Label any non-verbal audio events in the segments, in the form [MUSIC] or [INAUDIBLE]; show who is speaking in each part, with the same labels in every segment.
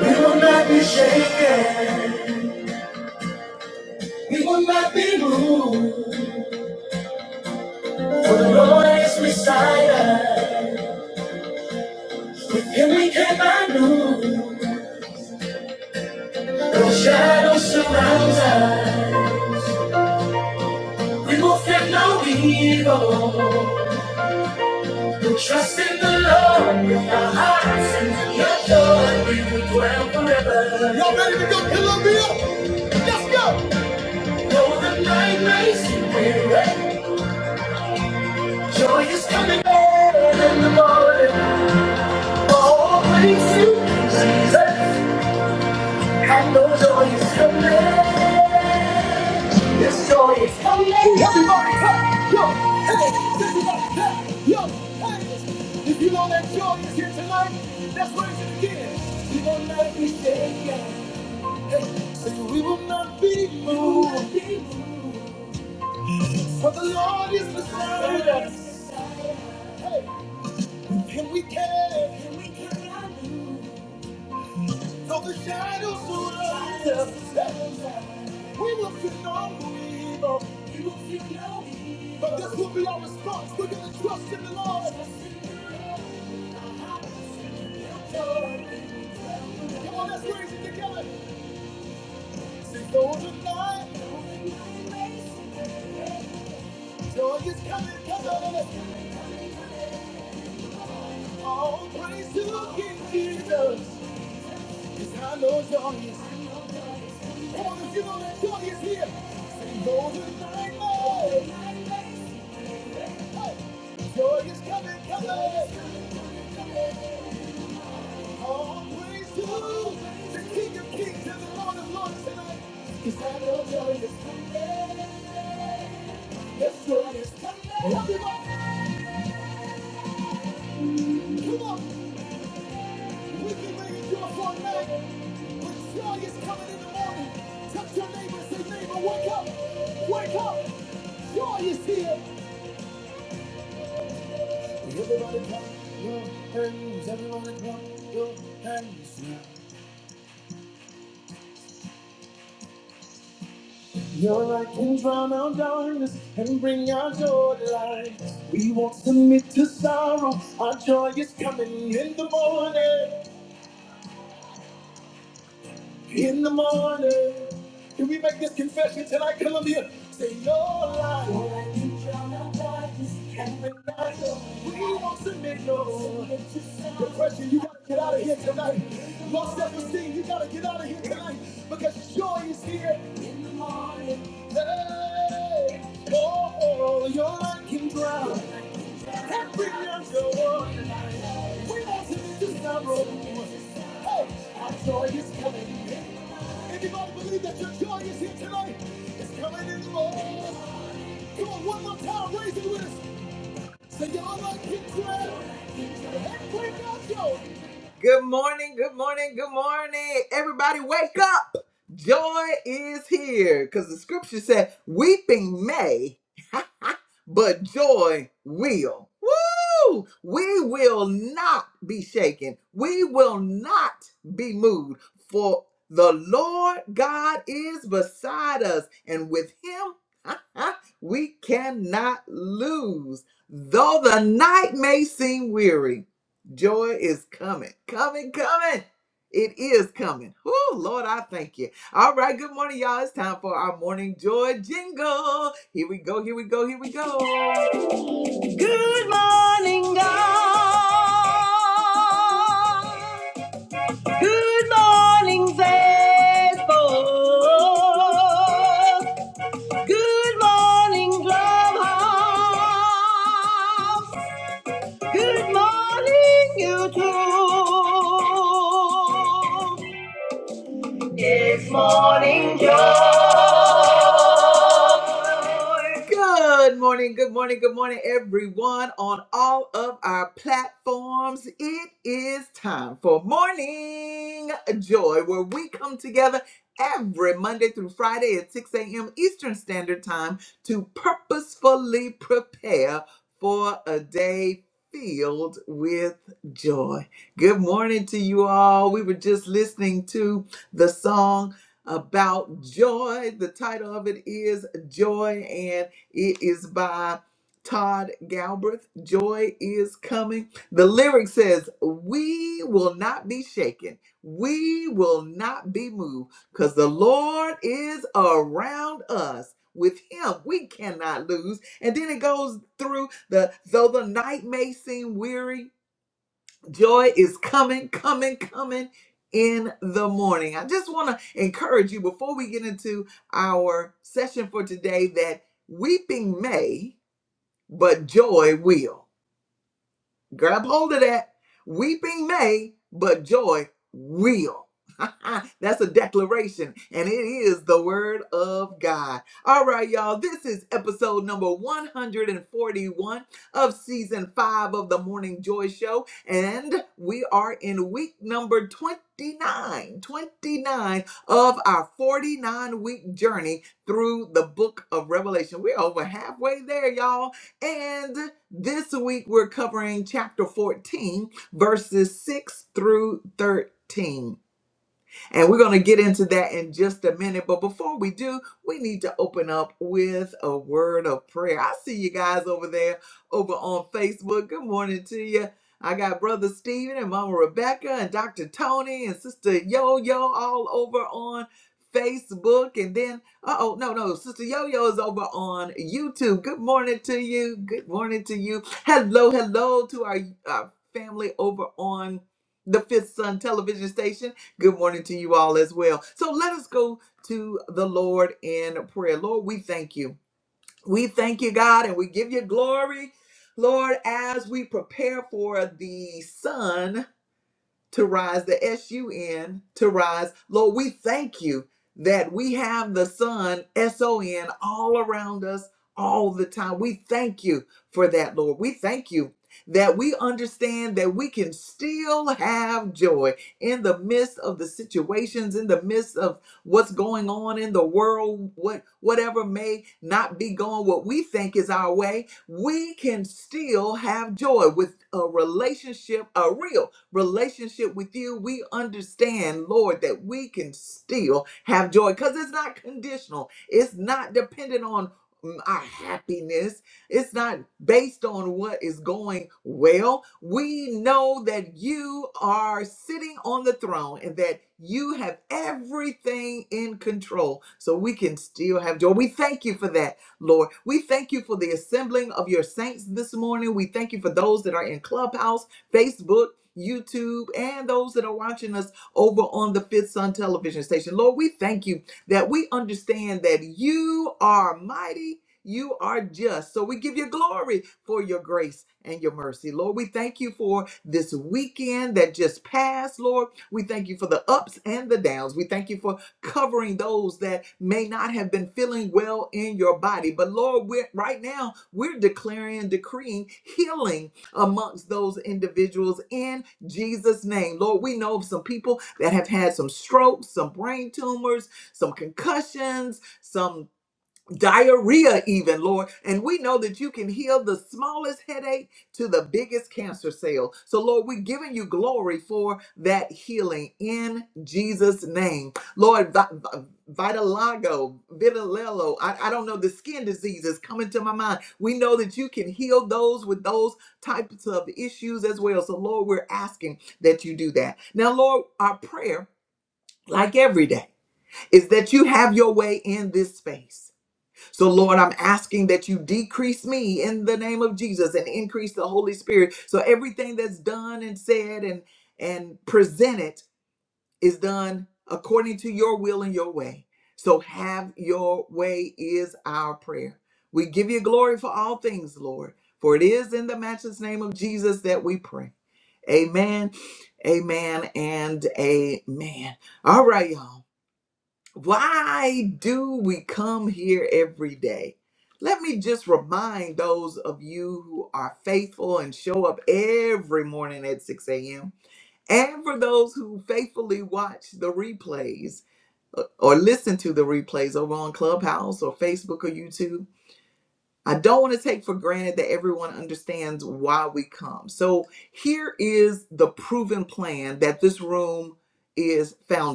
Speaker 1: We will not be shaken. We will not be moved. For the Lord is beside us. With Him we cannot move. No shadow surrounds us. We will fear no evil. We trust in the Lord with our hearts and your joy. We will dwell forever. Y'all ready to go kill a meal? Let's go. Though the night may seem weary, joy is coming in the morning. no Everybody, clap. yo, hey, everybody, clap. yo, hey. If you know that joy is here tonight, let's raise it again. We will not be shaken. Hey, say we will not be moved, for the Lord is with us. And we can, though the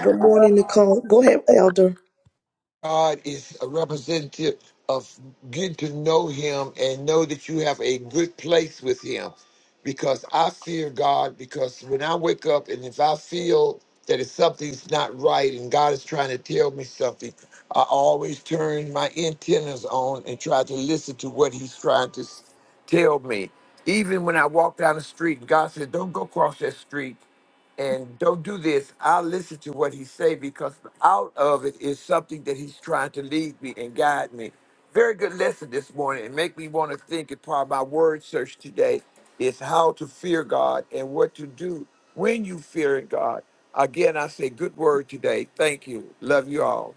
Speaker 2: Good morning, Nicole. Go ahead, Elder.
Speaker 3: God is a representative of getting to know Him and know that you have a good place with Him. Because I fear God, because when I wake up and if I feel that if something's not right and God is trying to tell me something, I always turn my antennas on and try to listen to what He's trying to s- tell me. Even when I walk down the street and God says, Don't go across that street, and don't do this. I'll listen to what he say because out of it is something that he's trying to lead me and guide me. Very good lesson this morning and make me want to think and part of my word search today is how to fear God and what to do when you fear God. Again, I say good word today. Thank you. Love you all.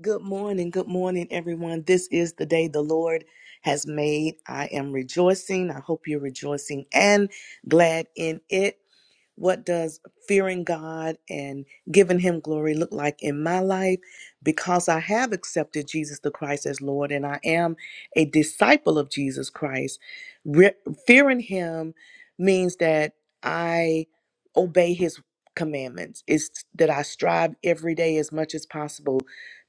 Speaker 2: Good morning. Good morning, everyone. This is the day the Lord has made. I am rejoicing. I hope you're rejoicing and glad in it. What does fearing God and giving Him glory look like in my life? Because I have accepted Jesus the Christ as Lord and I am a disciple of Jesus Christ, re- fearing Him means that I obey His commandments. It's that I strive every day as much as possible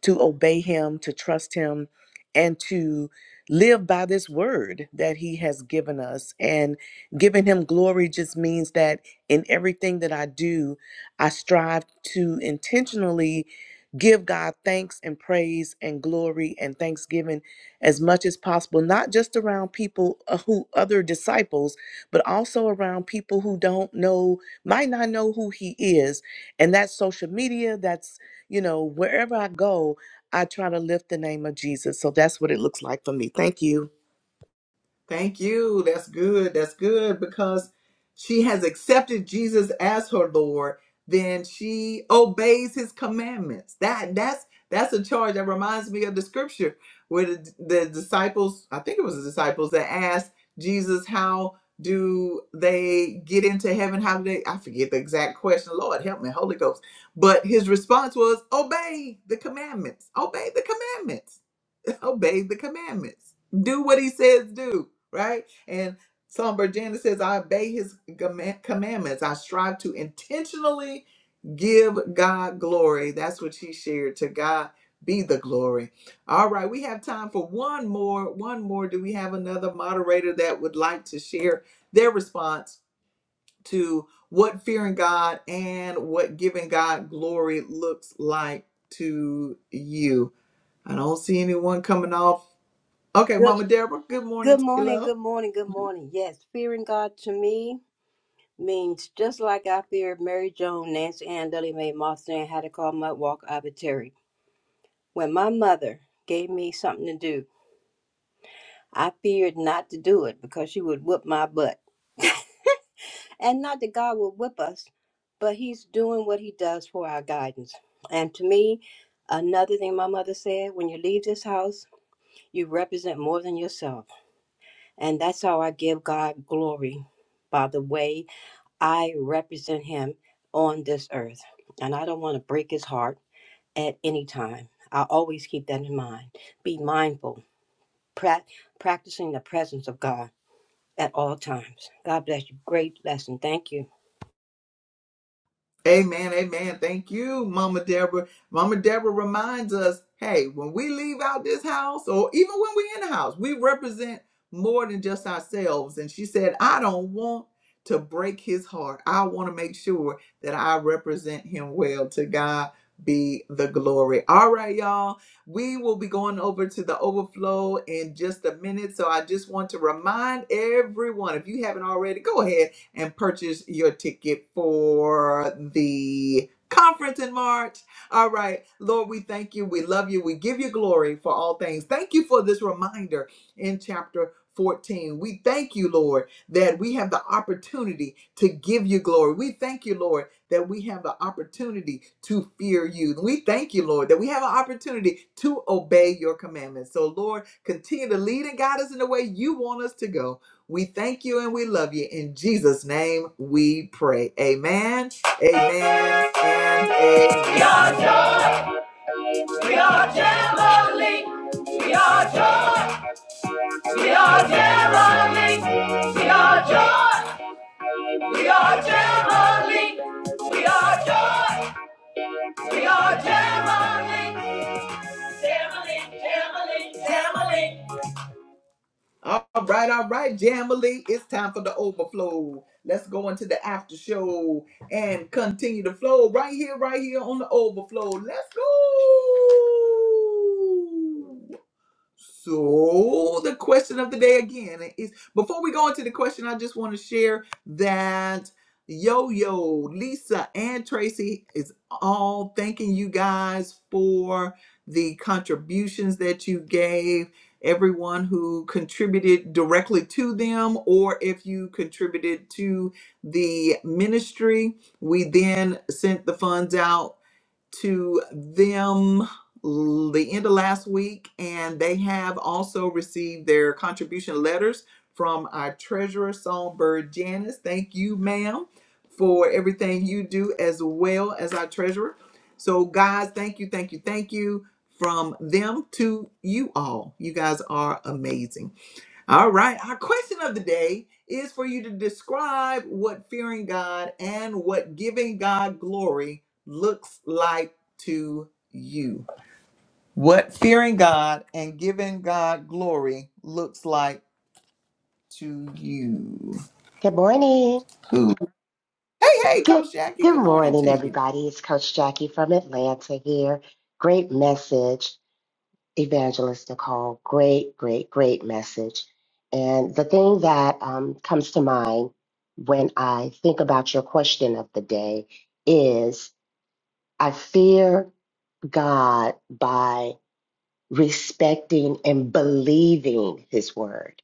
Speaker 2: to obey Him, to trust Him, and to live by this word that He has given us. And giving Him glory just means that in everything that I do, I strive to intentionally give God thanks and praise and glory and thanksgiving as much as possible, not just around people uh, who other disciples, but also around people who don't know, might not know who He is. And that's social media, that's, you know, wherever I go, I try to lift the name of Jesus. So that's what it looks like for me. Thank you.
Speaker 4: Good, good morning, good morning, good morning. Yes, fearing God to me means just like I feared Mary Joan, Nancy Ann, Dudley Mae, Martha, and how to call Mud Walk Arbitrary. When my mother gave me something to do, I feared not to do it because she would whip my butt. And not that God will whip us, but He's doing what He does for our guidance. And to me, another thing my mother said when you leave this house, you represent more than yourself. And that's how I give God glory by the way I represent him on this earth, and I don't want to break his heart at any time. I always keep that in mind. Be mindful, pra- practicing the presence of God at all times. God bless you. Great lesson. Thank you.
Speaker 1: we are Jamboree, we are joy. We are Geraldine. We are joy. We are Geraldine. We are joy. We are Geraldine. Geraldine, Geraldine, Geraldine.
Speaker 5: Good morning. Good good morning, everybody. It's Coach Jackie from Atlanta here. Great message, Evangelist Nicole. Great, great, great message. And the thing that um, comes to mind when I think about your question of the day is I fear God by respecting and believing His word.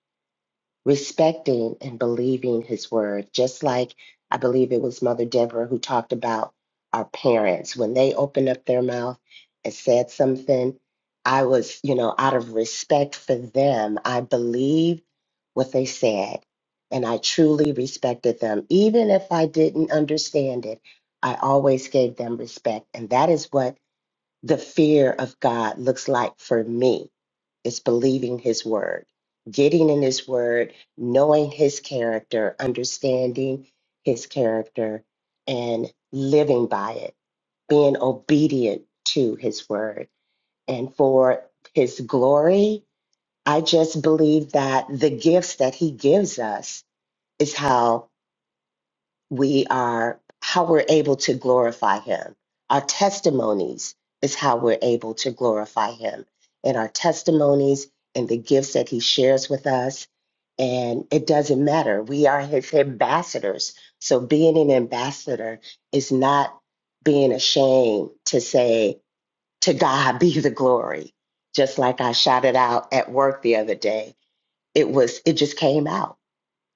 Speaker 5: respecting and believing his word, just like I believe it was Mother Deborah who talked about our parents. When they opened up their mouth and said something, I was, you know, out of respect for them, I believed what they said and I truly respected them. Even if I didn't understand it, I always gave them respect. And that is what the fear of God looks like for me it's believing his word, getting in his word, knowing his character, understanding his character, and living by it, being obedient to his word. And for his glory, I just believe that the gifts that he gives us is how we are how we're able to glorify him our testimonies is how we're able to glorify him and our testimonies and the gifts that he shares with us and it doesn't matter we are his ambassadors so being an ambassador is not being ashamed to say to god be the glory just like i shouted out at work the other day it was it just came out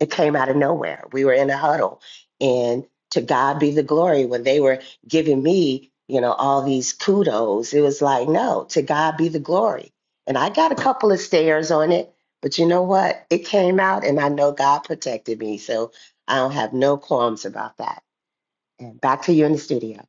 Speaker 5: it came out of nowhere. We were in a huddle, and to God be the glory. When they were giving me, you know, all these kudos, it was like, no, to God be the glory. And I got a couple of stares on it, but you know what? It came out, and I know God protected me, so I don't have no qualms about that. And back to you in the studio.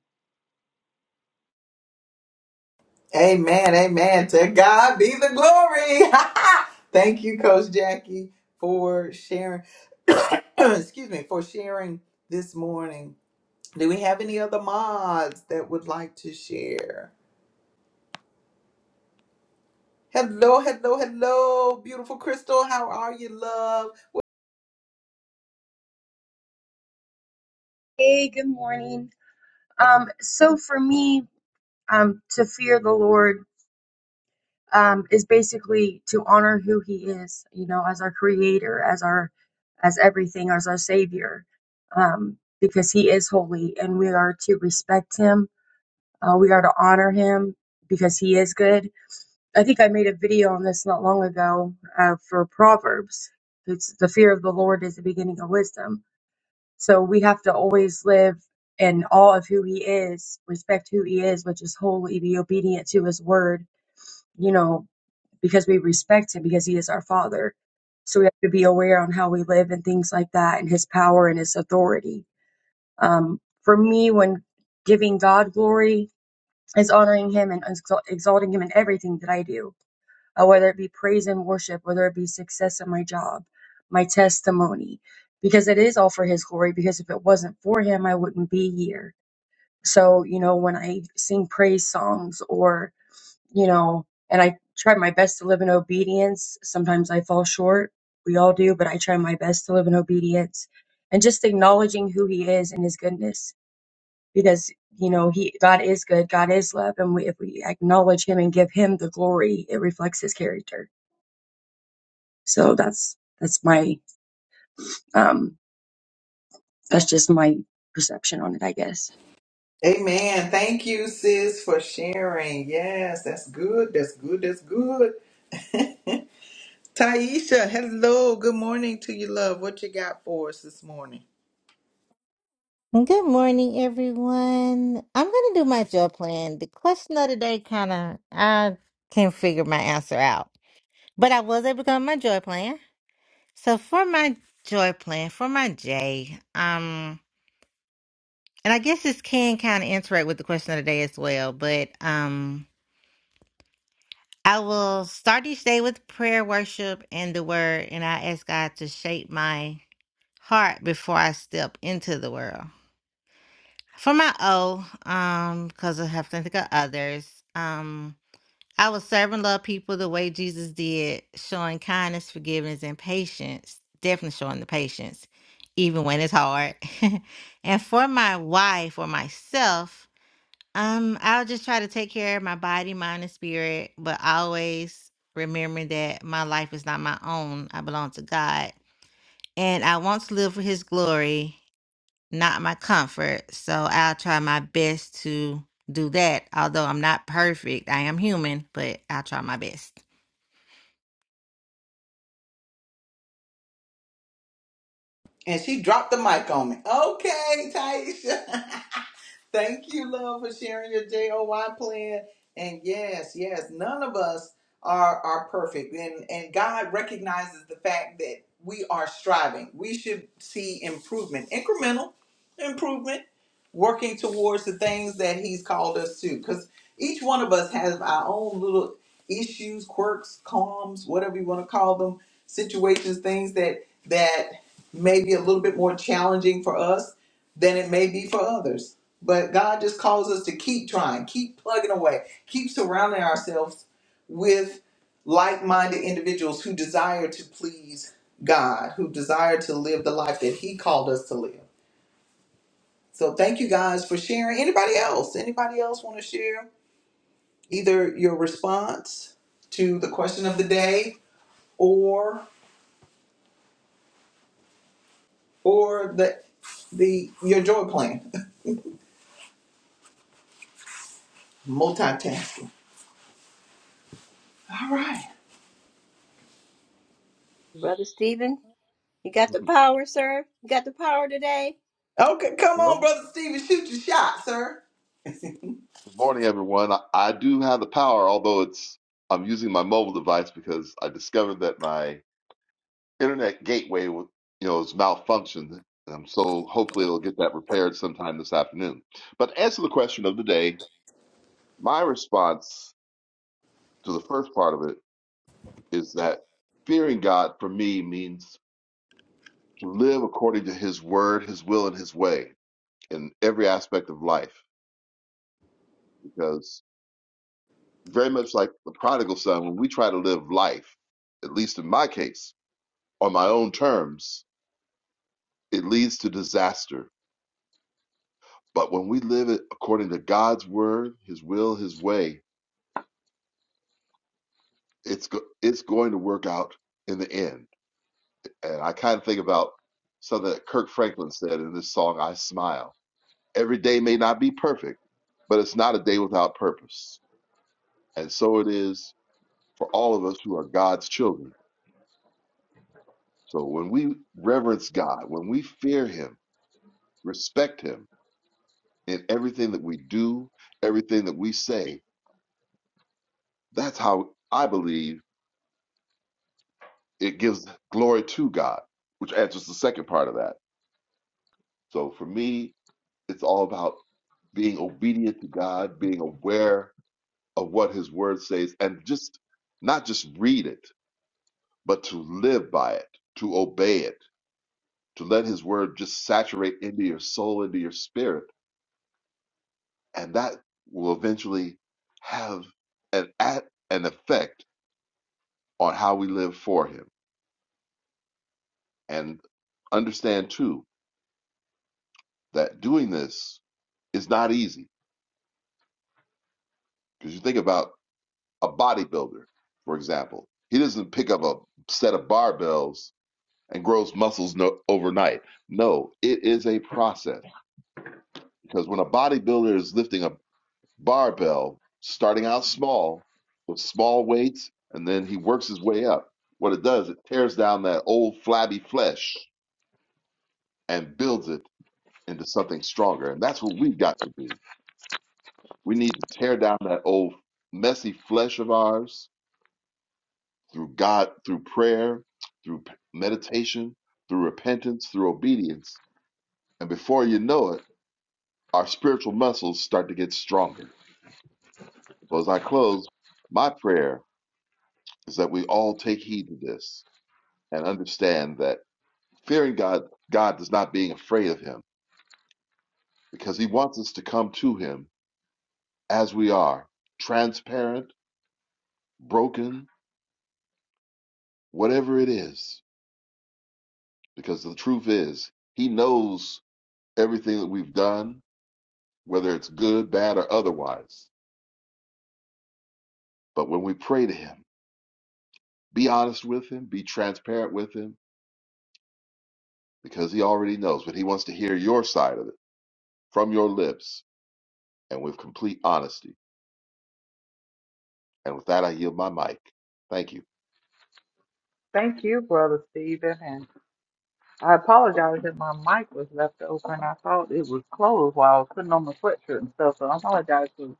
Speaker 6: Hey, good morning. Um, so for me, um, to fear the Lord, um, is basically to honor who He is, you know, as our Creator, as our, as everything, as our Savior, um, because He is holy, and we are to respect Him. Uh, we are to honor Him because He is good. I think I made a video on this not long ago uh, for Proverbs. It's the fear of the Lord is the beginning of wisdom So we have to always live in awe of who he is, respect who he is, which is holy, be obedient to his word, you know, because we respect him because he is our father. So we have to be aware on how we live and things like that and his power and his authority. Um, for me, when giving God glory is honoring him and exal- exalting him in everything that I do uh, whether it be praise and worship, whether it be success at my job, my testimony, because it is all for His glory. Because if it wasn't for Him, I wouldn't be here. So, you know, when I sing praise songs or, you know, and I try my best to live in obedience, sometimes I fall short. We all do, but I try my best to live in obedience and just acknowledging who He is and His goodness because you know he god is good god is love and we, if we acknowledge him and give him the glory it reflects his character so that's that's my um that's just my perception on it, I guess.
Speaker 7: Good morning, everyone. I'm going to do my job plan. The question of the day kind of, I can't figure my answer out, but I was able to come up with my joy plan. So for my joy plan, for my J, um, and I guess this can kind of interact with the question of the day as well, but um, I will start each day with prayer, worship, and the word, and I ask God to shape my heart before I step into the world. For my O, um, because I have to think of others, um, I will serve and love people the way Jesus did, showing kindness, forgiveness, and patience. Definitely showing the patience, even when it's hard. [LAUGHS] and for my wife or myself, um, I'll just try to take care of my body, mind, and spirit, but always remembering that my life is not my own. I belong to God, and I want to live for His glory not my comfort. So I'll try my best to do that. Although I'm not perfect, I am human, but I'll try my best.
Speaker 4: Brother Stephen, you got the
Speaker 8: Mhm.
Speaker 4: power, sir? You got the power today?
Speaker 8: Well, good morning, everyone. I, I do have the power, although it's I'm using my mobile device because I discovered that my internet gateway, wa- you know, is malfunctioned. Um, so hopefully it'll get that repaired sometime this afternoon. But to answer the question of the day, my response to the first part of it is that fearing God for me means to live according to His word, His will, and His way in every aspect of life. very much like the prodigal son, when we try to live life, at least in my case, on my own terms, it leads to disaster. But when we live it according to God's word, His will, His way, it's go- it's going to work out in the end. And I kind of think about something that Kirk Franklin said in this song, "I Smile." Every day may not be perfect, but it's not a day without purpose. And so it is for all of us who are God's children. So when we reverence God, when we fear Him respect him in everything that we do, everything that we say. That's how I believe it gives glory to God, which answers the second part of that. So for me, it's all about being obedient to God, being aware of what his word says, and just not just read it, but to live by it, to obey it, to let his word just saturate into your soul, into your spirit. And that will eventually have an, at, an effect on how we live for Him. And understand too that doing this is not easy because you think about a bodybuilder, for example, he doesn't pick up a set of barbells and grows muscles no, overnight. No, it is a process because when a bodybuilder is lifting a barbell, starting out small with small weights, and then he works his way up. What it does, it tears down that old flabby flesh and builds it into something stronger. And that's what we've got to do. We need to tear down that old messy flesh of ours through God, through prayer, through p- meditation, through repentance, through obedience. And before you know it, our spiritual muscles start to get stronger. So as I close, my prayer is that we all take heed to this and understand that fearing God, God does not being afraid of him because he wants us to come to him as we are, transparent, broken, whatever it is, because the truth is, He knows everything that we've done, whether it's good, bad, or otherwise. But when we pray to Him, be honest with Him, be transparent with Him, because He already knows, but He wants to hear your side of it from your lips and with complete honesty. And with that, I yield my mic. Thank you.
Speaker 1: Thank you, Brother Stephen. And I apologize that my mic was left open. I thought it was closed while I was putting on my sweatshirt and stuff. So I apologize for the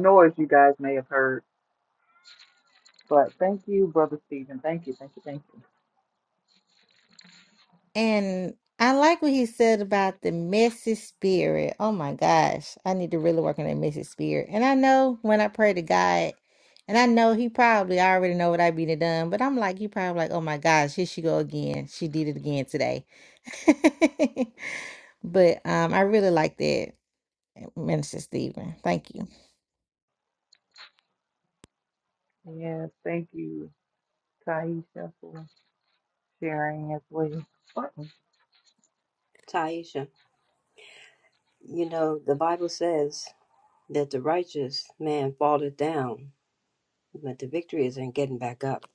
Speaker 1: noise you guys may have heard. But thank you, Brother Stephen. Thank you, thank you, thank you.
Speaker 7: And I like what he said about the messy spirit. Oh my gosh, I need to really work on that messy spirit. And I know when I pray to God, and I know he probably already know what I be done, but I'm like, he probably like, oh my gosh, here she go again. She did it again today. [LAUGHS] but um, I really like that, Minister Stephen. Thank
Speaker 1: Yes, thank you, Taisha, for sharing as well.
Speaker 4: Taisha, you know, the Bible says that the righteous man falleth down, but the victory is in getting back up.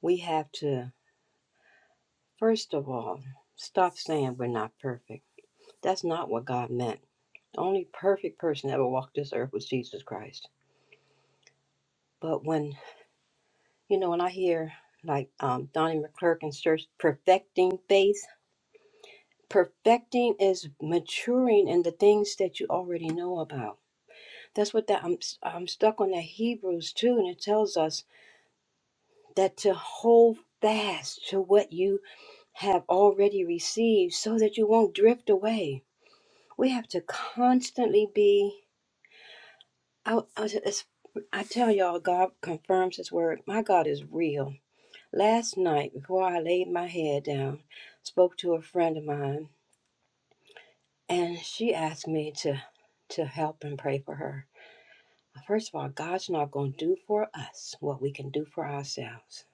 Speaker 4: We have to, first of all, stop saying we're not perfect That's not what God meant. The only perfect person that ever walked this earth was Jesus Christ. But when, you know, when I hear like um, Donnie McClurkin's church perfecting faith, perfecting is maturing in the things that you already know about. That's what that I'm, I'm stuck on that Hebrews 2, and it tells us that to hold fast to what you have already received so that you won't drift away. We have to constantly be I, I, it's, I tell y'all, God confirms His word. My God is real. Last night, before I laid my head down, spoke to a friend of mine, and she asked me to to help and pray for her. First of all, God's not going to do for us what we can do for ourselves,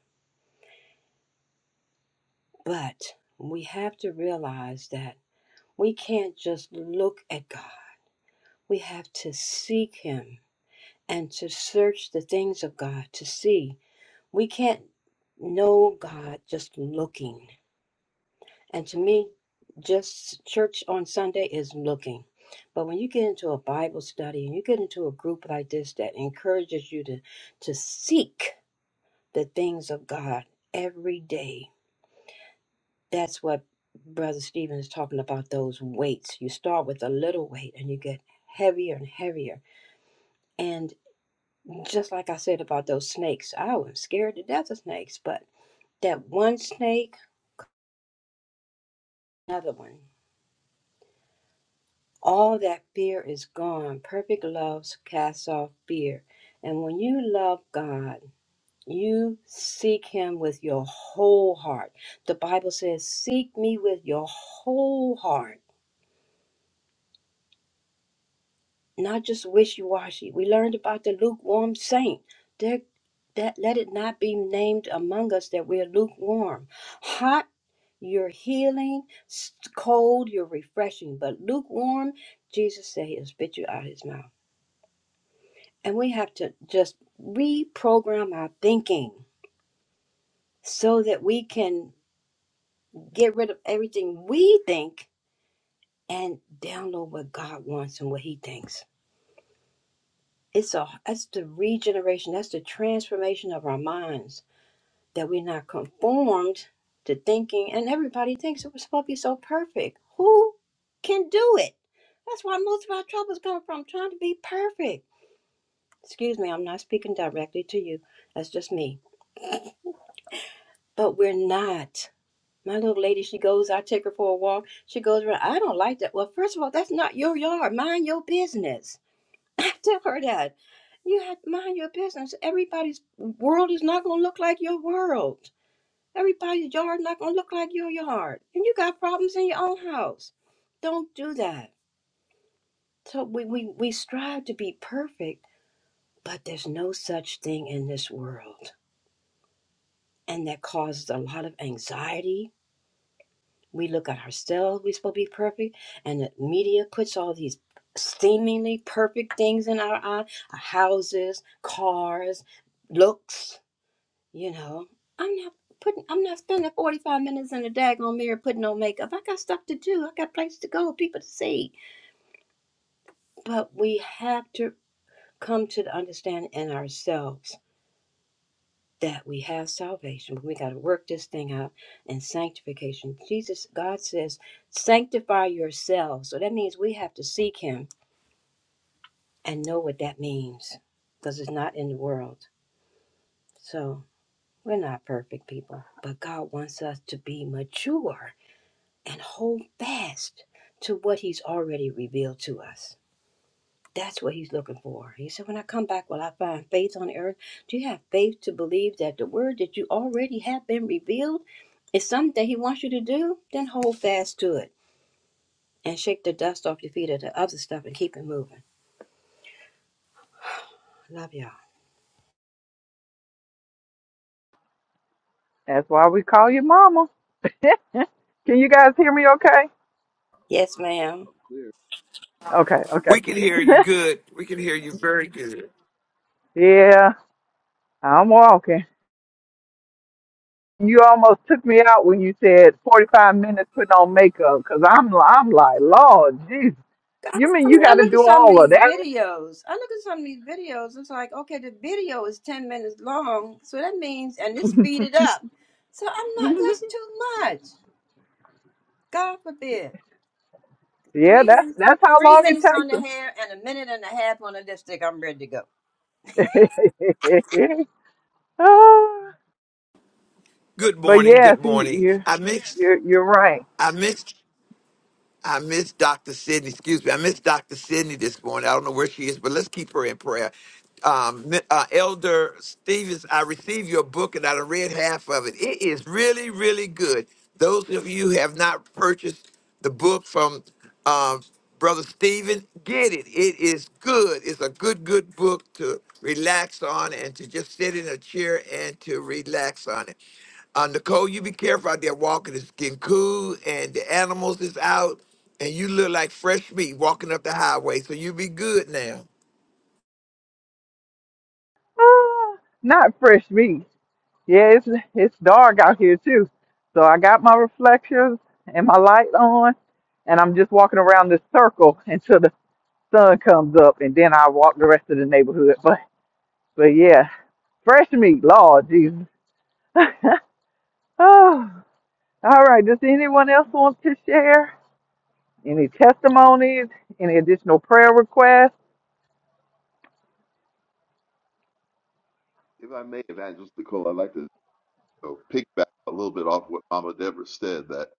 Speaker 4: but we have to realize that we can't just look at God. We have to seek Him and to search the things of God to see We can't know God just looking. And to me, just church on Sunday is looking. But when you get into a Bible study and you get into a group like this that encourages you to, to seek the things of God every day, that's what Brother Stephen is talking about those weights. You start with a little weight and you get heavier and heavier. And just like I said about those snakes, I was scared to death of snakes, but that one snake, another one. All that fear is gone. Perfect love casts off fear. And when you love God, you seek Him with your whole heart. The Bible says, Seek me with your whole heart, not just wishy washy. We learned about the lukewarm saint. There, that, let it not be named among us that we're lukewarm. Hot, you're healing, s- cold, you're refreshing. But lukewarm, Jesus said, He'll spit you out His mouth. And we have to just reprogram our thinking so that we can get rid of everything we think and download what God wants and what He thinks. It's a that's the regeneration, that's the transformation of our minds that we're not conformed to thinking and everybody thinks it was supposed to be so perfect. Who can do it? That's why most of our troubles come from trying to be perfect. Excuse me, I'm not speaking directly to you. That's just me. But we're not. My little lady, she goes, I take her for a walk. She goes around, I don't like that. Well, first of all, that's not your yard. Mind your business. [LAUGHS] I tell her that. You have to mind your business. Everybody's world is not going to look like your world. Everybody's yard not going to look like your yard. And you got problems in your own house. Don't do that. So we, we, we strive to be perfect, but there's no such thing in this world. And that causes a lot of anxiety We look at ourselves, we're supposed to be perfect, and the media puts all these seemingly perfect things in our eye our houses, cars, looks. You know, I'm not putting, I'm not spending 45 minutes in the daggone mirror putting on makeup. I got stuff to do, I got places to go, people to see. But we have to come to the understanding in ourselves that we have salvation, but we got to work this thing out in sanctification. Jesus, God says, sanctify yourselves. So that means we have to seek Him and know what that means because it's not in the world. So we're not perfect people, but God wants us to be mature and hold fast to what He's already revealed to us. That's what he's looking for. He said, When I come back, will I find faith on earth? Do you have faith to believe that the word that you already have been revealed is something that he wants you to do? Then hold fast to it and shake the dust off your feet of the other stuff and keep it moving. Love y'all.
Speaker 1: That's why we call you mama. [LAUGHS] Can you guys hear me okay?
Speaker 4: Yes, ma'am.
Speaker 8: Clear.
Speaker 1: Okay,
Speaker 3: We can hear you
Speaker 1: okay.
Speaker 3: good. We can hear you very good.
Speaker 1: [LAUGHS] yeah, I'm walking. You almost took me out when you said 45 minutes putting on makeupbecause i I'm I'm like, "Lord, Jesus.
Speaker 4: I
Speaker 1: You mean
Speaker 4: I
Speaker 1: you
Speaker 4: mean, I
Speaker 1: got to
Speaker 4: look at
Speaker 1: do
Speaker 4: some of
Speaker 1: all of
Speaker 4: these
Speaker 1: that?"
Speaker 4: videos. I look at some of these videos. It's like, okay, the video is 10 minutes long. So that means, and it's speeded up. So I'm not, that's too much. God forbid.
Speaker 1: Yeah,
Speaker 4: Three
Speaker 1: that's
Speaker 4: minutes,
Speaker 1: that's how
Speaker 4: three
Speaker 1: long it
Speaker 4: minutes on
Speaker 1: takes
Speaker 4: the hair and a minute and a half on the lipstick. I'm ready to go.
Speaker 1: them. [LAUGHS] Ah,
Speaker 3: Good
Speaker 1: but
Speaker 3: morning.
Speaker 1: yes,
Speaker 3: Good
Speaker 1: you
Speaker 3: morning.
Speaker 1: you
Speaker 3: I mixed.
Speaker 1: you're you're right.
Speaker 3: I mixed. I miss Dr. Sydney. Excuse me. I miss Dr. Sydney this morning. I don't know where she is, but let's keep her in prayer. Um, Mi- uh, Elder Stevens, I received your book and I done read half of it. It is really, really good. Those of you who have not purchased the book from um, Brother Stephen, get it. It is good. It's a good, good book to relax on and to just sit in a chair and to relax on it. Uh, Nicole, you be careful out there walking. It's getting cool and the animals is out and you look like fresh meat walking up the highway. So you be good now.
Speaker 1: Ah, not fresh meat. Yeah, it's it's dark out here too. So I got my reflectors and my light on, and I'm just walking around this circle until the sun comes up, and then I walk the rest of the neighborhood. But but yeah, fresh meat, Lord Jesus. Oh, all right. Does anyone else want to share any testimonies, any additional prayer requests?
Speaker 8: If I may, Evangelist Nicole, I'd like to uh, piggyback a little bit off what Mama Deborah said that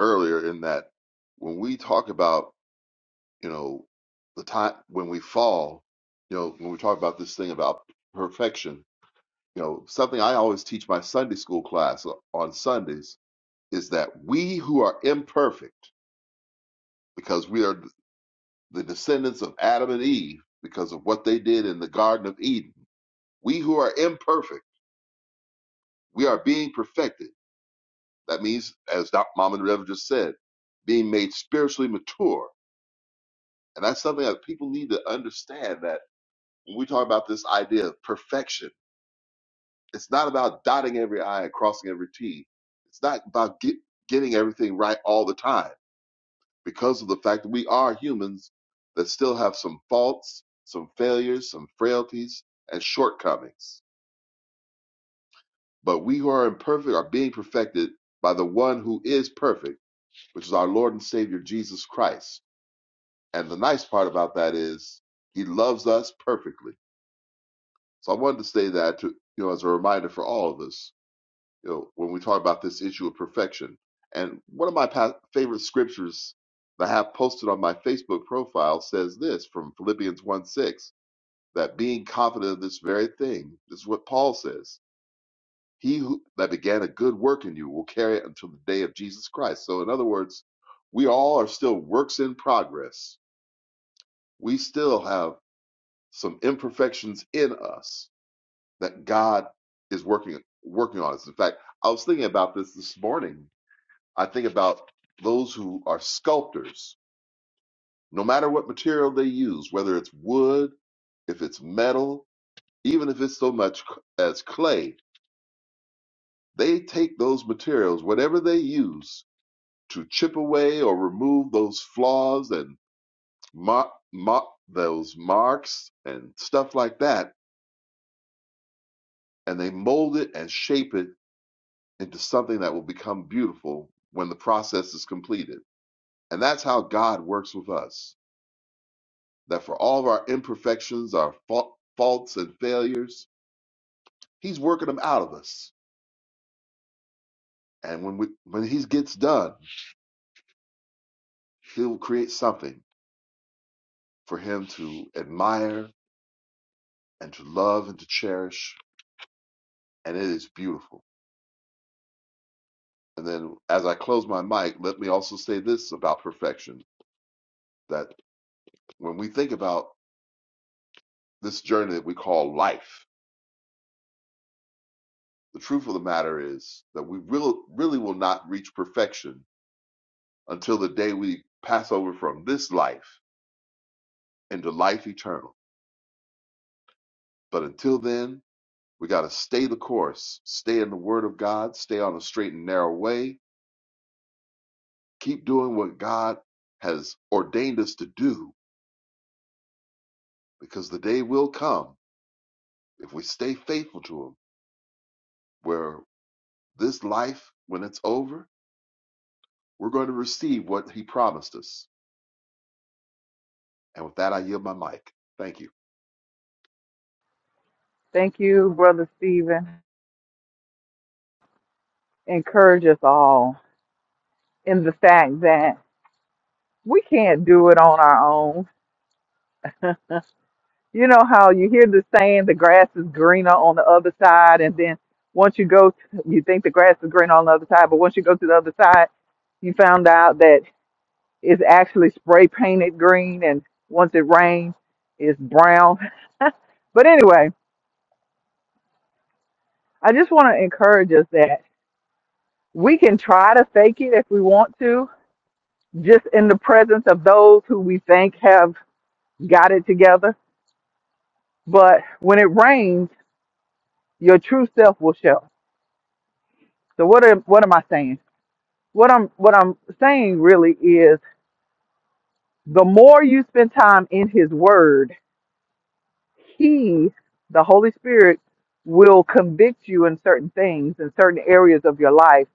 Speaker 8: earlier in that when we talk about you know, the time when we fall, you know, when we talk about this thing about perfection, you know, something I always teach my Sunday school class on Sundays is that we who are imperfect, because we are the descendants of Adam and Eve, because of what they did in the Garden of Eden, we who are imperfect, we are being perfected. That means, as Doc Mom and Rev just said, being made spiritually mature. And that's something that people need to understand that when we talk about this idea of perfection, It's not about dotting every I and crossing every T. It's not about get, getting everything right all the time because of the fact that we are humans that still have some faults, some failures, some frailties, and shortcomings. But we who are imperfect are being perfected by the one who is perfect, which is our Lord and Savior Jesus Christ. And the nice part about that is he loves us perfectly. So I wanted to say that to you know as a reminder for all of us you know, when we talk about this issue of perfection. And one of my pa- favorite scriptures that I have posted on my Facebook profile says this from Philippians 1 6, that being confident of this very thing, this is what Paul says, he who, that began a good work in you will carry it until the day of Jesus Christ. So, in other words, we all are still works in progress. We still have some imperfections in us that God is working working on us. In fact, I was thinking about this this morning I think about those who are sculptors, no matter what material they use, whether it's wood, if it's metal, even if it's so much c- as clay, they take those materials, whatever they use, to chip away or remove those flaws and mar- mar- those marks and stuff like that, and they mold it and shape it into something that will become beautiful when the process is completed. And that's how God works with us. that for all of our imperfections, our fa- faults and failures, He's working them out of us. And when we, when He gets done, He'll create something for Him to admire and to love and to cherish, and it is beautiful. And then, as I close my mic, let me also say this about perfection: that when we think about this journey that we call life, the truth of the matter is that we will, really will not reach perfection until the day we pass over from this life into life eternal. But until then, we got to stay the course, stay in the Word of God, stay on a straight and narrow way, keep doing what God has ordained us to do, because the day will come, if we stay faithful to Him, where this life, when it's over, we're going to receive what He promised us. And with that, I yield my mic. Thank you.
Speaker 1: Thank you, Brother Stephen. Encourage us all in the fact that we can't do it on our own you know how you hear the saying the grass is greener on the other side and then once you go you think the grass is greener on the other side but once you go to the other side you found out that it's actually spray painted green and once it rains it's brown but anyway i just want to encourage us that we can try to fake it if we want to just in the presence of those who we think have got it together but when it rains your true self will show so what am, what am i saying What I'm what I'm saying really is the more you spend time in his word, he, the Holy Spirit, will convict you in certain things, in certain areas of your life.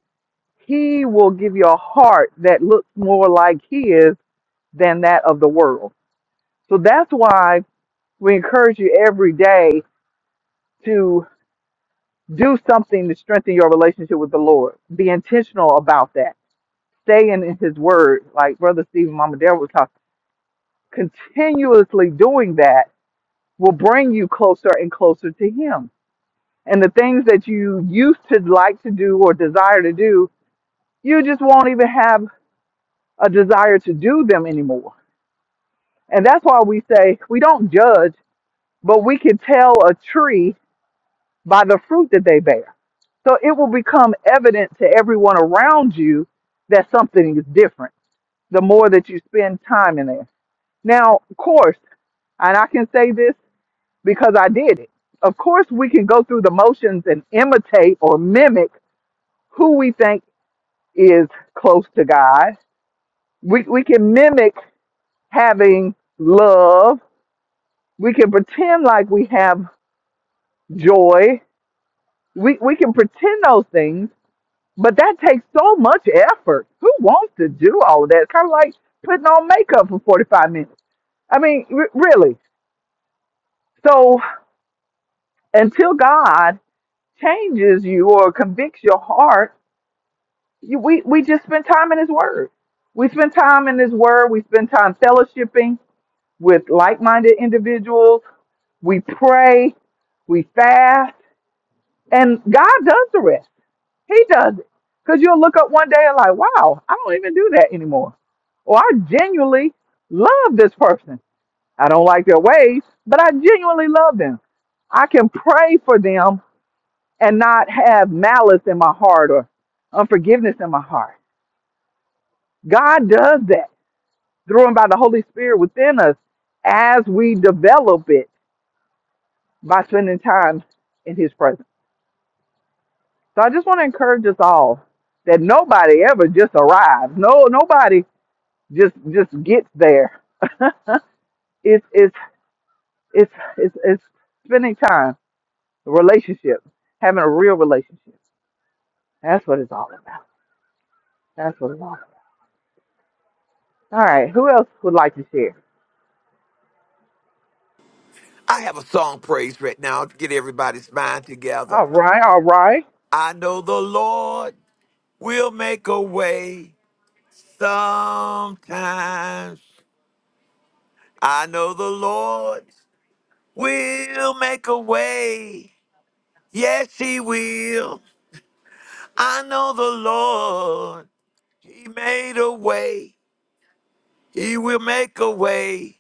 Speaker 1: He will give you a heart that looks more like his than that of the world. So that's why we encourage you every day to do something to strengthen your relationship with the Lord. Be intentional about that. Stay in his word, like Brother Stephen Mama Dare was talking. continuously doing that will bring you closer and closer to Him. And the things that you used to like to do or desire to do, you just won't even have a desire to do them anymore. And that's why we say we don't judge, but we can tell a tree by the fruit that they bear. So it will become evident to everyone around you that something is different the more that you spend time in there. Now, of course, and I can say this. because I did it. Of course, we can go through the motions and imitate or mimic who we think is close to God. We, we can mimic having love. We can pretend like we have joy. We, we can pretend those things, but that takes so much effort. Who wants to do all of that? It's kind of like putting on makeup for 45 minutes. I mean, r- really. So until God changes you or convicts your heart, you, we we just spend time in His Word. We spend time in His Word. We spend time fellowshipping with like-minded individuals. We pray. We fast, and God does the rest. He does it. Cause you'll look up one day and like, wow, I don't even do that anymore. Or I genuinely love this person. I don't like their ways, but I genuinely love them. I can pray for them and not have malice in my heart or unforgiveness in my heart. God does that through and by the Holy Spirit within us as we develop it by spending time in His presence. So I just want to encourage us all that nobody ever just arrives. No, nobody just just gets there. [LAUGHS] it's it's it's it's it's spending time, relationships, having a real relationship. That's what it's all about. That's what it's all about. All right, who else would like to share?
Speaker 3: I have a song praise right now to get everybody's mind together.
Speaker 1: All right, all right.
Speaker 3: I know the Lord will make a way sometimes. I know the Lord will make a way. Yes, he will. I know the Lord. He made a way. He will make a way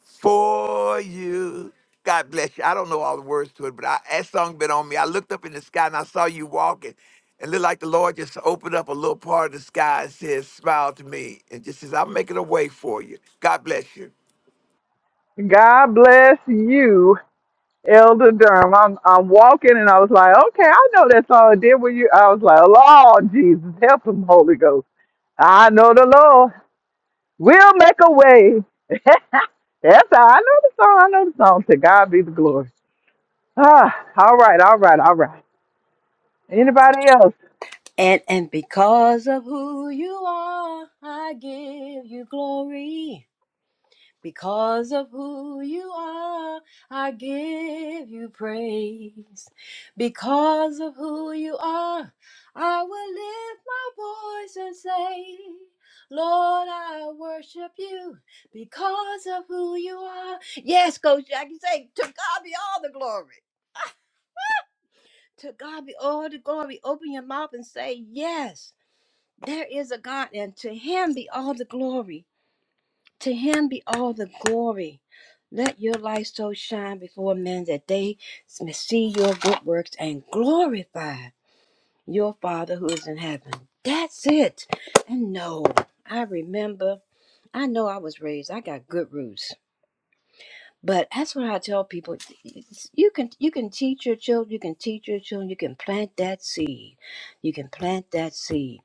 Speaker 3: for you. God bless you. I don't know all the words to it, but I, that song been on me. I looked up in the sky and I saw you walking. And looked like the Lord just opened up a little part of the sky and says, smile to me. And just says, I'm making a way for you. God bless you.
Speaker 1: God bless you. Elder Durham. I'm I'm walking and I was like, okay, I know that song. Did with you? I was like, Lord Jesus, help him, Holy Ghost. I know the Lord will make a way. [LAUGHS] That's how I know the song. I know the song. To God be the glory. Ah, all right, all right, all right. Anybody else?
Speaker 4: And and because of who you are, I give you glory. Because of who you are, I give you praise. Because of who you are, I will lift my voice and say, Lord, I worship you because of who you are. Yes, Coach Jackie, say, to God be all the glory. To God be all the glory. Open your mouth and say, Yes, there is a God, and to Him be all the glory. To Him be all the glory. Let your light so shine before men that they may see your good works and glorify your Father who is in heaven. That's it. And no, I remember, I know I was raised, I got good roots. But that's what I tell people. It's- You can you can teach your children, you can teach your children, you can plant that seed. You can plant that seed.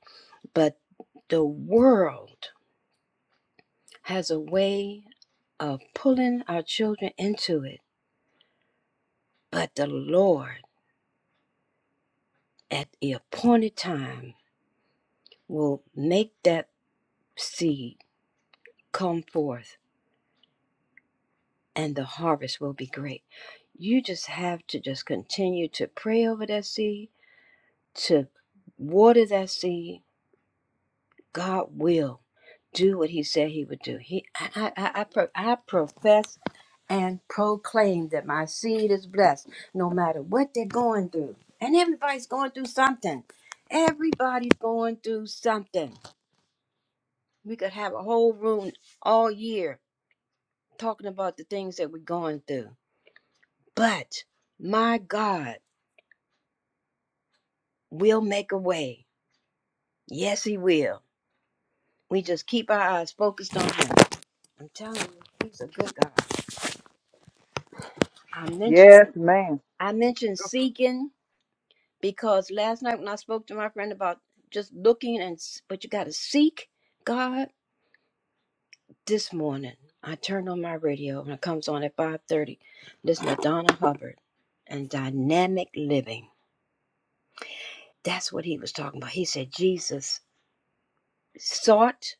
Speaker 4: But the world has a way of pulling our children into it. But the Lord at the appointed time will make that seed come forth and the harvest will be great. You just have to just continue to pray over that seed, to water that seed, God will do what He said He would do. He, I, I, I, I pro- I profess and proclaim that my seed is blessed, no matter what they're going through. And everybody's going through something. Everybody's going through something. We could have a whole room all year talking about the things that we're going through. But my God will make a way. Yes, He will. We just keep our eyes focused on Him. I'm telling you, He's a good God. I mentioned
Speaker 1: Yes, ma'am.
Speaker 4: I mentioned seeking because last night when I spoke to my friend about just looking and s- but you got to seek God this morning. I turned on my radio and it comes on at 5:30. Listen to Donna Hubbard and dynamic living. That's what he was talking about. He said Jesus sought,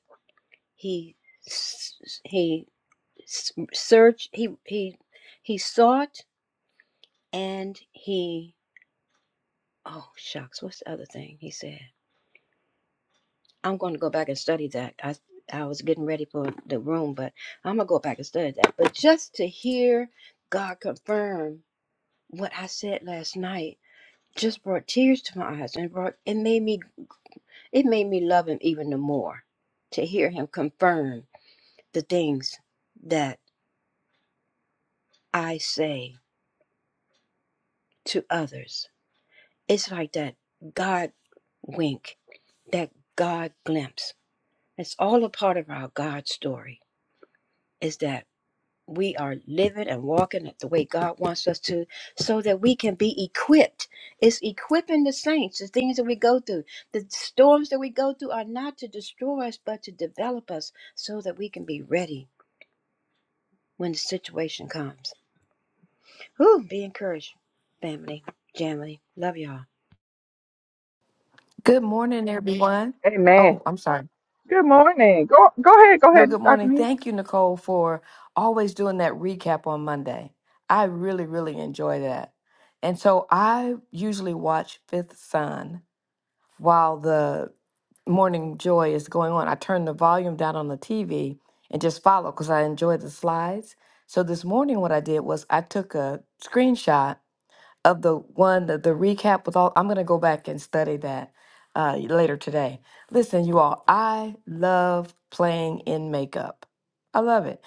Speaker 4: he s- he s- searched, he he he sought and he oh shucks, what's the other thing he said? I'm going to go back and study that. I I was getting ready for the room, but I'm gonna go back and study that. But just to hear God confirm what I said last night just brought tears to my eyes and it brought it made me it made me love him even the more to hear him confirm the things that I say to others. It's like that God wink, that God glimpse. It's all a part of our God story. Is that we are living and walking it the way God wants us to so that we can be equipped. It's equipping the saints, the things that we go through. The storms that we go through are not to destroy us, but to develop us so that we can be ready when the situation comes. Whew, be encouraged, family, family. Love y'all.
Speaker 9: Good morning, everyone.
Speaker 1: Amen.
Speaker 9: Oh, I'm sorry.
Speaker 1: Good morning. Go go ahead, go
Speaker 9: No,
Speaker 1: ahead,
Speaker 9: good
Speaker 1: Dr.
Speaker 9: morning.
Speaker 1: Neal.
Speaker 9: Thank you, Nicole, for always doing that recap on Monday. I really, really enjoy that. And so I usually watch Fifth Son while the morning joy is going on. I turn the volume down on the TV and just follow because I enjoy the slides. So this morning, what I did was I took a screenshot of the one, the, the recap with all, I'm going to go back and study that uh, later today. Listen, you all, I love playing in makeup. I love it.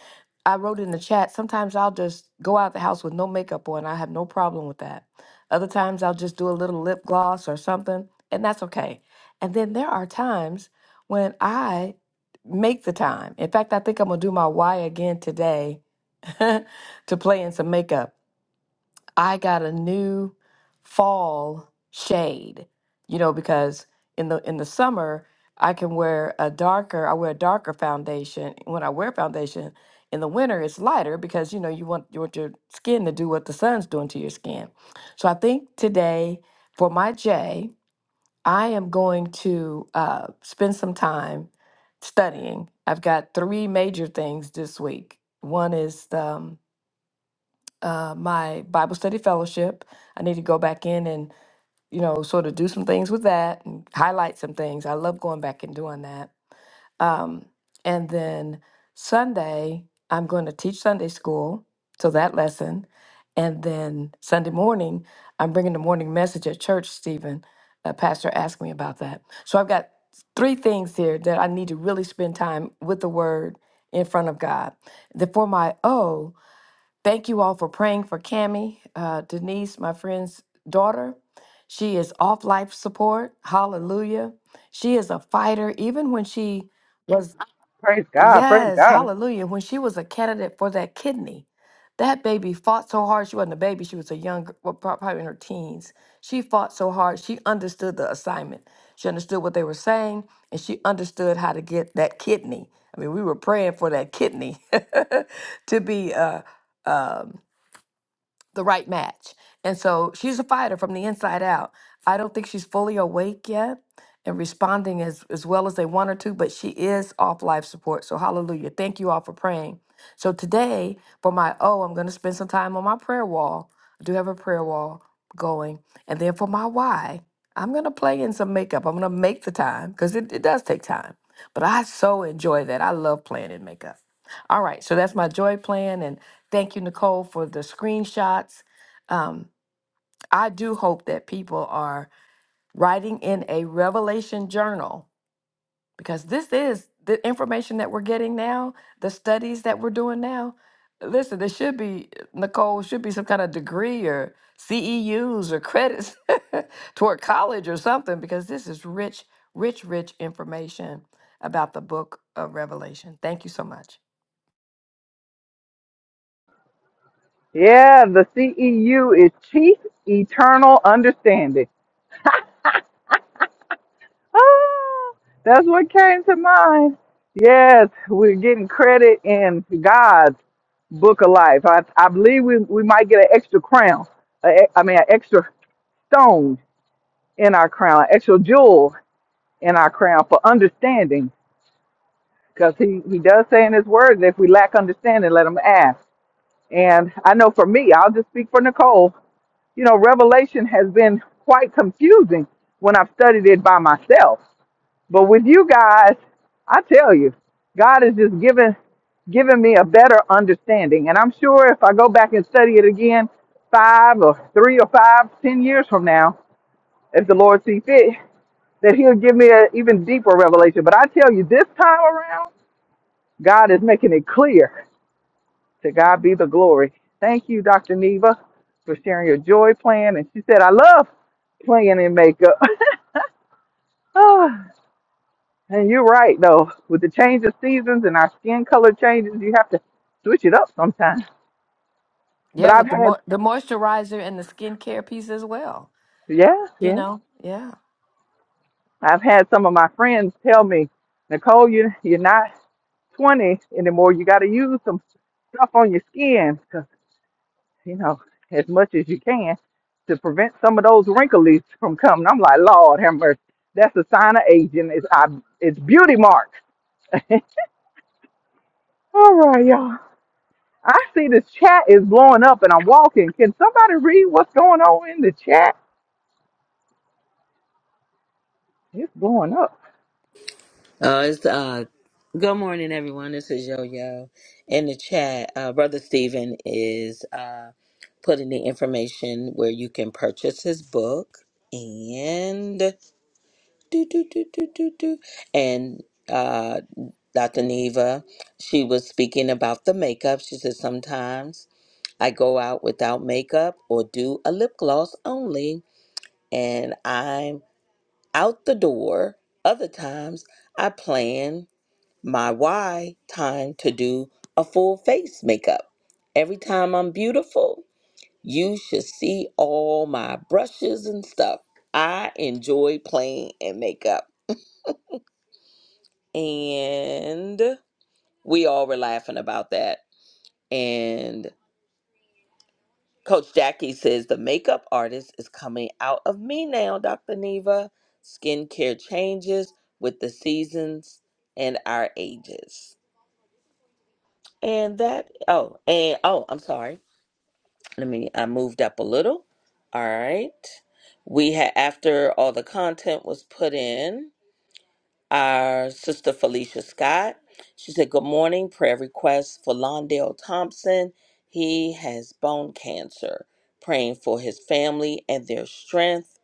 Speaker 9: I wrote in the chat, sometimes I'll just go out the house with no makeup on. I have no problem with that. Other times I'll just do a little lip gloss or something, and that's okay. And then there are times when I make the time. In fact, I think I'm going to do my why again today [LAUGHS] to play in some makeup I got a new fall shade, you know, because in the in the summer I can wear a darker, I wear a darker foundation. When I wear foundation in the winter, it's lighter because you know you want you want your skin to do what the sun's doing to your skin. So I think today for my J, I am going to uh, spend some time studying. I've got three major things this week. One is um, uh, my Bible study fellowship. I need to go back in and, you know, sort of do some things with that and highlight some things. I love going back and doing that. Um, and then Sunday, I'm going to teach Sunday school. So that lesson. And then Sunday morning, I'm bringing the morning message at church, Stephen. A pastor asked me about that. So I've got three things here that I need to really spend time with the word in front of God. The, for my O, Thank you all for praying for Cammie, uh, Denise, my friend's daughter. She is off life support. Hallelujah. She is a fighter. Even when she was,
Speaker 1: Praise God, praise
Speaker 9: yes,
Speaker 1: God.
Speaker 9: hallelujah. When she was a candidate for that kidney, that baby fought so hard. She wasn't a baby, she was a young, well, prob- probably in her teens. She fought so hard. She understood the assignment. She understood what they were saying, and she understood how to get that kidney. I mean, we were praying for that kidney [LAUGHS] to be. Uh, the right match. And so she's a fighter from the inside out. I don't think she's fully awake yet and responding as, as well as they want her to, but she is off life support. So hallelujah. Thank you all for praying. So today, for my O, I'm going to spend some time on my prayer wall. I do have a prayer wall going. And then for my why, I'm going to play in some makeup. I'm going to make the time because it, it does take time. But I so enjoy that. I love playing in makeup. All right, so that's my joy plan. and. Thank you, Nicole, for the screenshots. Um, I do hope that people are writing in a revelation journal because this is the information that we're getting now, the studies that we're doing now. Listen, there should be, Nicole, should be some kind of degree or CEUs or credits [LAUGHS] toward college or something because this is rich, rich, rich information about the book of Revelation. Thank you so much.
Speaker 1: Yeah, the CEU is Chief Eternal Understanding. Ah, that's what came to mind. Yes, we're getting credit in God's book of life. I, I believe we, we might get an extra crown, a- I mean, an extra stone in our crown, an extra jewel in our crown for understanding. Because he, he does say in his word that if we lack understanding, let him ask. And I know for me, I'll just speak for Nicole, you know, Revelation has been quite confusing when I've studied it by myself But with you guys, I tell you, God is just giving giving me a better understanding. And I'm sure if I go back and study it again five or three or five, ten years from now, if the Lord see fit, that he'll give me an even deeper revelation. But I tell you, this time around, God is making it clear. To God be the glory. Thank you, Dr. Neva, for sharing your joy plan. And she said, I love playing in makeup. [LAUGHS] And you're right though, with the change of seasons and our skin color changes, you have to switch it up sometimes. But
Speaker 9: Yeah,
Speaker 1: I've
Speaker 9: with the
Speaker 1: had,
Speaker 9: mo- the moisturizer and the skincare piece as well.
Speaker 1: yeah,
Speaker 9: You
Speaker 1: yeah,
Speaker 9: know, yeah.
Speaker 1: I've had some of my friends tell me, Nicole, you you're not 20 anymore. You got to use some stuff on your skin, 'cause, you know, as much as you can to prevent some of those wrinkles from coming. I'm like, Lord have mercy. That's a sign of aging. It's I, it's beauty marks. [LAUGHS] All right, y'all. I see this chat is blowing up and I'm walking. Can somebody read what's going on in the chat? It's blowing up.
Speaker 10: Uh, it's uh, good morning, everyone. This is Yo Yo in the chat. Uh, Brother Stephen is uh, putting the information where you can purchase his book and do do do do do do and. Uh, Dr. Neva, she was speaking about the makeup. She said, Sometimes I go out without makeup or do a lip gloss only, and I'm out the door. Other times I plan my why time to do a full face makeup. Every time I'm beautiful, you should see all my brushes and stuff. I enjoy playing in makeup. And we all were laughing about that. And Coach Jackie says the makeup artist is coming out of me now, Dr. Neva. Skincare changes with the seasons and our ages. And that, oh, and oh, I'm sorry. let me i moved up a little all right we had after all the content was put in our sister felicia scott she said good morning prayer request for londale thompson he has bone cancer praying for his family and their strength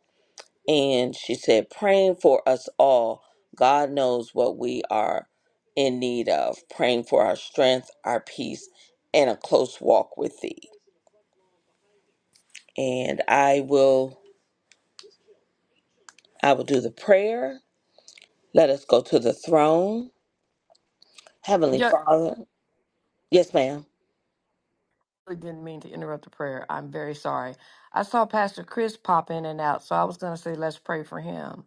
Speaker 10: and she said praying for us all god knows what we are in need of praying for our strength our peace and a close walk with thee and i will I will do the prayer. Let us go to the throne. Heavenly
Speaker 9: Yeah, I
Speaker 10: Father. Yes, ma'am.
Speaker 9: really didn't mean to interrupt the prayer. I'm very sorry. I saw Pastor Chris pop in and out, so I was going to say let's pray for him.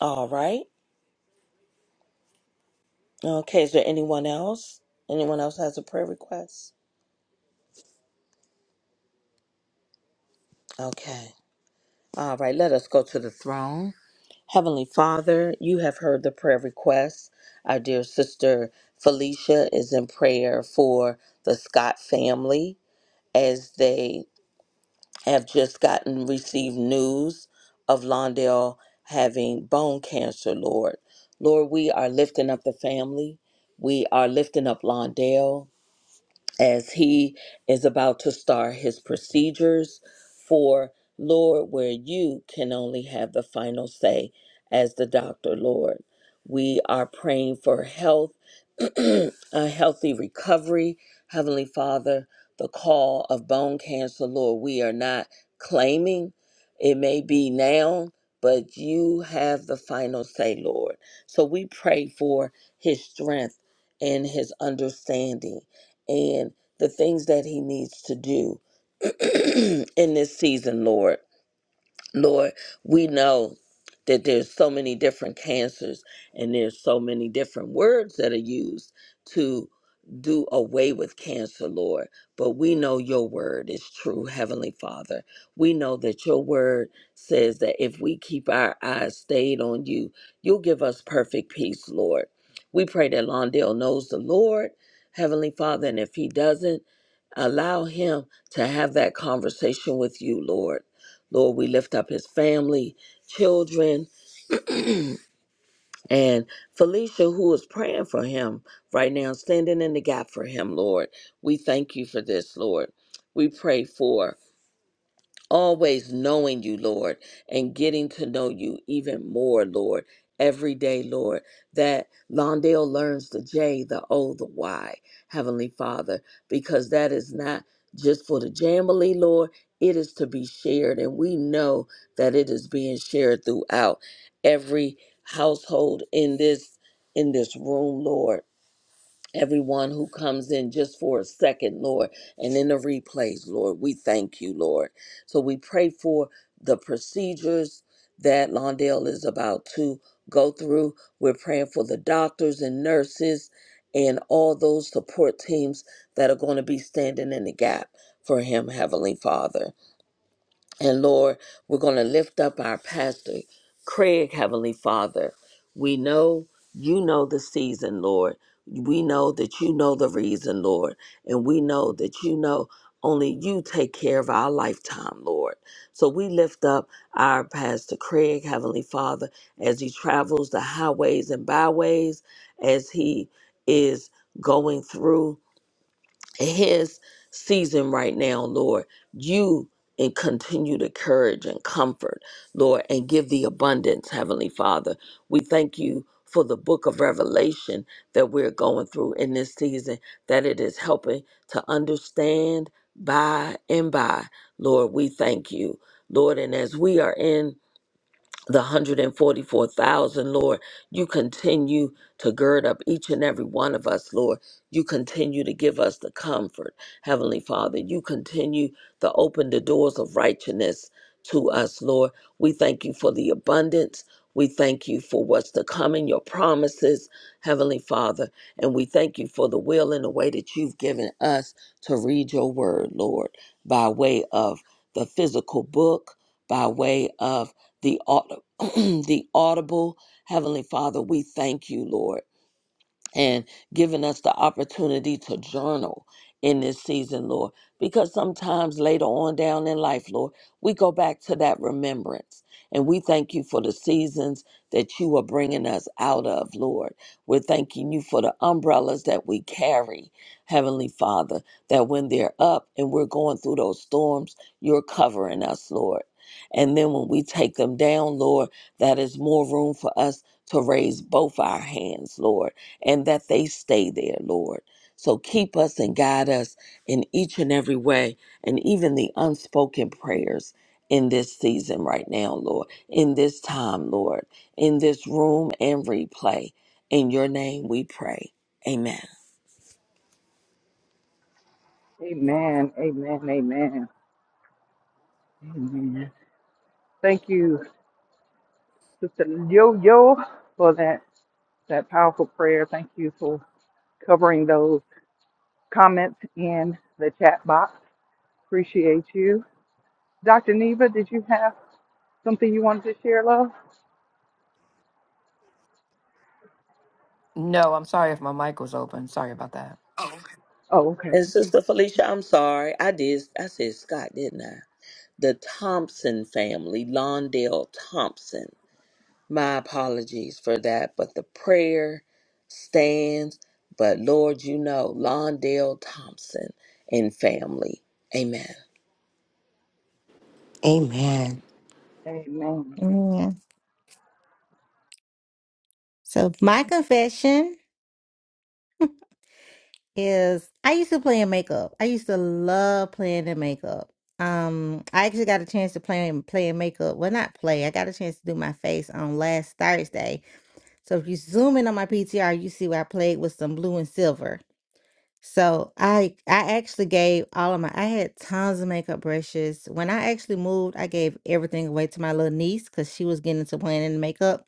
Speaker 10: All right. Okay. Is there anyone else? Anyone else has a prayer request? Okay. All right. Let us go to the throne. Heavenly Father, you have heard the prayer request. Our dear sister Felicia is in prayer for the Scott family as they have just gotten received news of Londale having bone cancer, Lord. Lord, we are lifting up the family. We are lifting up Londale as he is about to start his procedures for Lord, where you can only have the final say as the doctor, Lord. We are praying for health, [CLEARS THROAT] a healthy recovery, Heavenly Father, the call of bone cancer, Lord. We are not claiming it may be now, but you have the final say, Lord. So we pray for his strength and his understanding and the things that he needs to do [CLEARS THROAT] in this season, Lord. Lord, we know that there's so many different cancers and there's so many different words that are used to do away with cancer, Lord. But we know your word is true, Heavenly Father. We know that your word says that if we keep our eyes stayed on you, you'll give us perfect peace, Lord. We pray that Londale knows the Lord, Heavenly Father, and if he doesn't, allow him to have that conversation with you, Lord Lord, we lift up his family, children, and Felicia, who is praying for him right now, standing in the gap for him, Lord. We thank you for this, Lord. We pray for always knowing you, Lord, and getting to know you even more, Lord, every day, Lord, that Londale learns the J, the O, the Y, Heavenly Father, because that is not just for the Jamily, Lord. It is to be shared, and we know that it is being shared throughout every household in this in this room, Lord everyone who comes in just for a second, Lord, and in the replays, Lord. We thank you, Lord. So we pray for the procedures that Londale is about to go through. We're praying for the doctors and nurses and all those support teams that are going to be standing in the gap for him, Heavenly Father. And Lord, we're going to lift up our pastor, Craig, Heavenly Father. We know you know the season, Lord. We know that you know the reason, Lord. And we know that you know only you take care of our lifetime, Lord. So we lift up our pastor, Craig, Heavenly Father, as he travels the highways and byways, as he is going through his season right now, Lord. You and continue to courage and comfort, Lord, and give the abundance, Heavenly Father. We thank you for the book of Revelation that we're going through in this season, that it is helping to understand by and by. Lord, we thank you, Lord. And as we are in the 144,000, Lord. You continue to gird up each and every one of us, Lord. You continue to give us the comfort, Heavenly Father. You continue to open the doors of righteousness to us, Lord. We thank you for the abundance. We thank you for what's to come in your promises, Heavenly Father. And we thank you for the will and the way that you've given us to read your word, Lord, by way of the physical book, by way of the aud- [CLEARS THROAT] the audible heavenly father we thank you lord and giving us the opportunity to journal in this season, Lord. Because sometimes later on down in life, Lord, we go back to that remembrance. And we thank you for the seasons that you are bringing us out of, Lord. We're thanking you for the umbrellas that we carry, Heavenly Father, that when they're up and we're going through those storms, you're covering us, Lord. And then when we take them down, Lord, that is more room for us to raise both our hands, Lord and that they stay there, Lord. So keep us and guide us in each and every way, and even the unspoken prayers in this season right now, Lord, in this time, Lord, in this room and replay. In your name we pray. Amen.
Speaker 1: Amen. Amen. Amen. Amen. Thank you, Sister Yo Yo, for that that powerful prayer. Thank you for covering those comments in the chat box. Appreciate you. Dr. Neva, did you have something you wanted to share, love?
Speaker 9: No, I'm sorry if my mic was open. Sorry about that.
Speaker 10: Oh.
Speaker 1: Oh, okay.
Speaker 10: And Sister Felicia, I'm sorry. I did. I said Scott, didn't I? The Thompson family, Londale Thompson. My apologies for that, but the prayer stands. But Lord, you know, Londale Thompson and family. Amen.
Speaker 5: Amen.
Speaker 1: Amen.
Speaker 7: you. So my confession is I used to play in makeup. I used to love playing in makeup. Um, I actually got a chance to play in play in makeup. Well, not play. I got a chance to do my face on last Thursday. So if you zoom in on my PTR, you see where I played with some blue and silver. So I I actually gave all of my I had tons of makeup brushes. When I actually moved, I gave everything away to my little niece because she was getting into playing in makeup.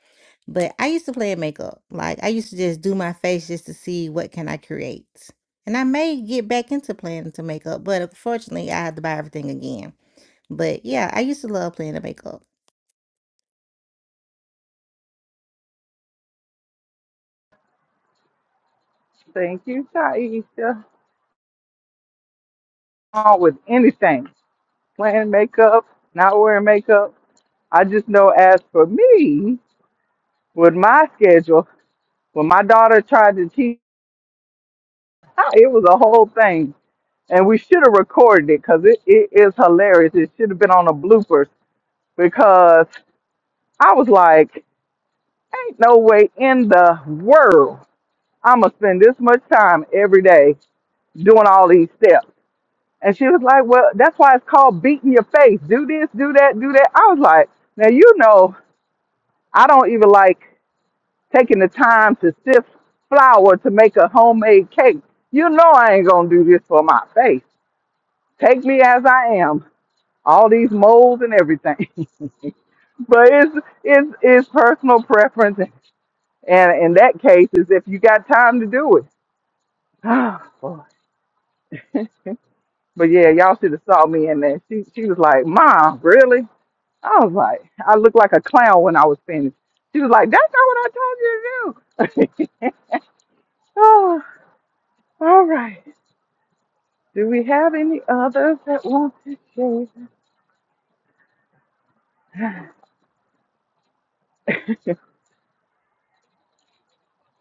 Speaker 7: But I used to play in makeup. Like I used to just do my face just to see what can I create. And I may get back into playing into makeup, but unfortunately I had to buy everything again. But yeah, I used to love playing the makeup.
Speaker 1: Thank you, Taisha. wrong with anything. wearing makeup, not wearing makeup. I just know as for me, with my schedule, when my daughter tried to teach, ah, it was a whole thing. And we should have recorded it because it, it is hilarious. It should have been on the bloopers because I was like, ain't no way in the world I'm going to spend this much time every day doing all these steps. And she was like, Well, that's why it's called beating your face. Do this, do that, do that. I was like, Now, you know, I don't even like taking the time to sift flour to make a homemade cake. You know, I ain't going to do this for my face. Take me as I am, all these molds and everything. [LAUGHS] but it's, it's, it's personal preference. And in that case, is if you got time to do it. [SIGHS] Oh, Boy. [LAUGHS] but yeah, y'all should have saw me in there. She, she was like, Mom, really? I was like, I looked like a clown when I was finished. She was like, that's not what I told you to do. [LAUGHS] oh, all right. Do we have any others that want to share?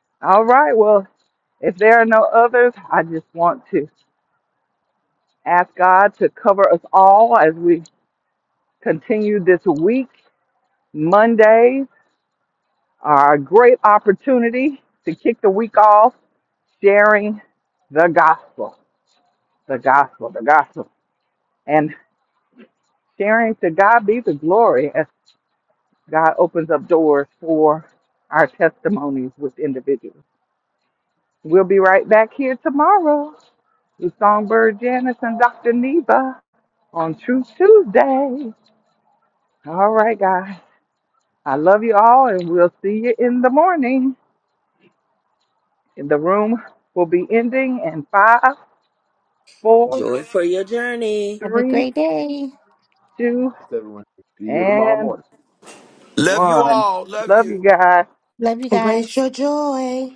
Speaker 1: [LAUGHS] all right. Well, if there are no others, I just want to ask God to cover us all as we continue this week. Mondays are a great opportunity to kick the week off sharing the gospel, the gospel, the gospel. and. sharing. To God be the glory as God opens up doors for our testimonies with individuals. We'll be right back here tomorrow with Songbird Janice and Dr. Neva on Truth Tuesday. All right, guys. I love you all, and we'll see you in the morning. And The room will be ending in five, four,
Speaker 10: Joy for your journey.
Speaker 7: Have a
Speaker 1: three,
Speaker 7: great day.
Speaker 1: two,
Speaker 8: Blessed everyone. See you tomorrow
Speaker 1: and
Speaker 8: morning.
Speaker 3: Love you
Speaker 1: one.
Speaker 3: all. Love
Speaker 1: Love you
Speaker 3: you.
Speaker 1: guys.
Speaker 7: Love you guys.
Speaker 5: Embrace your joy.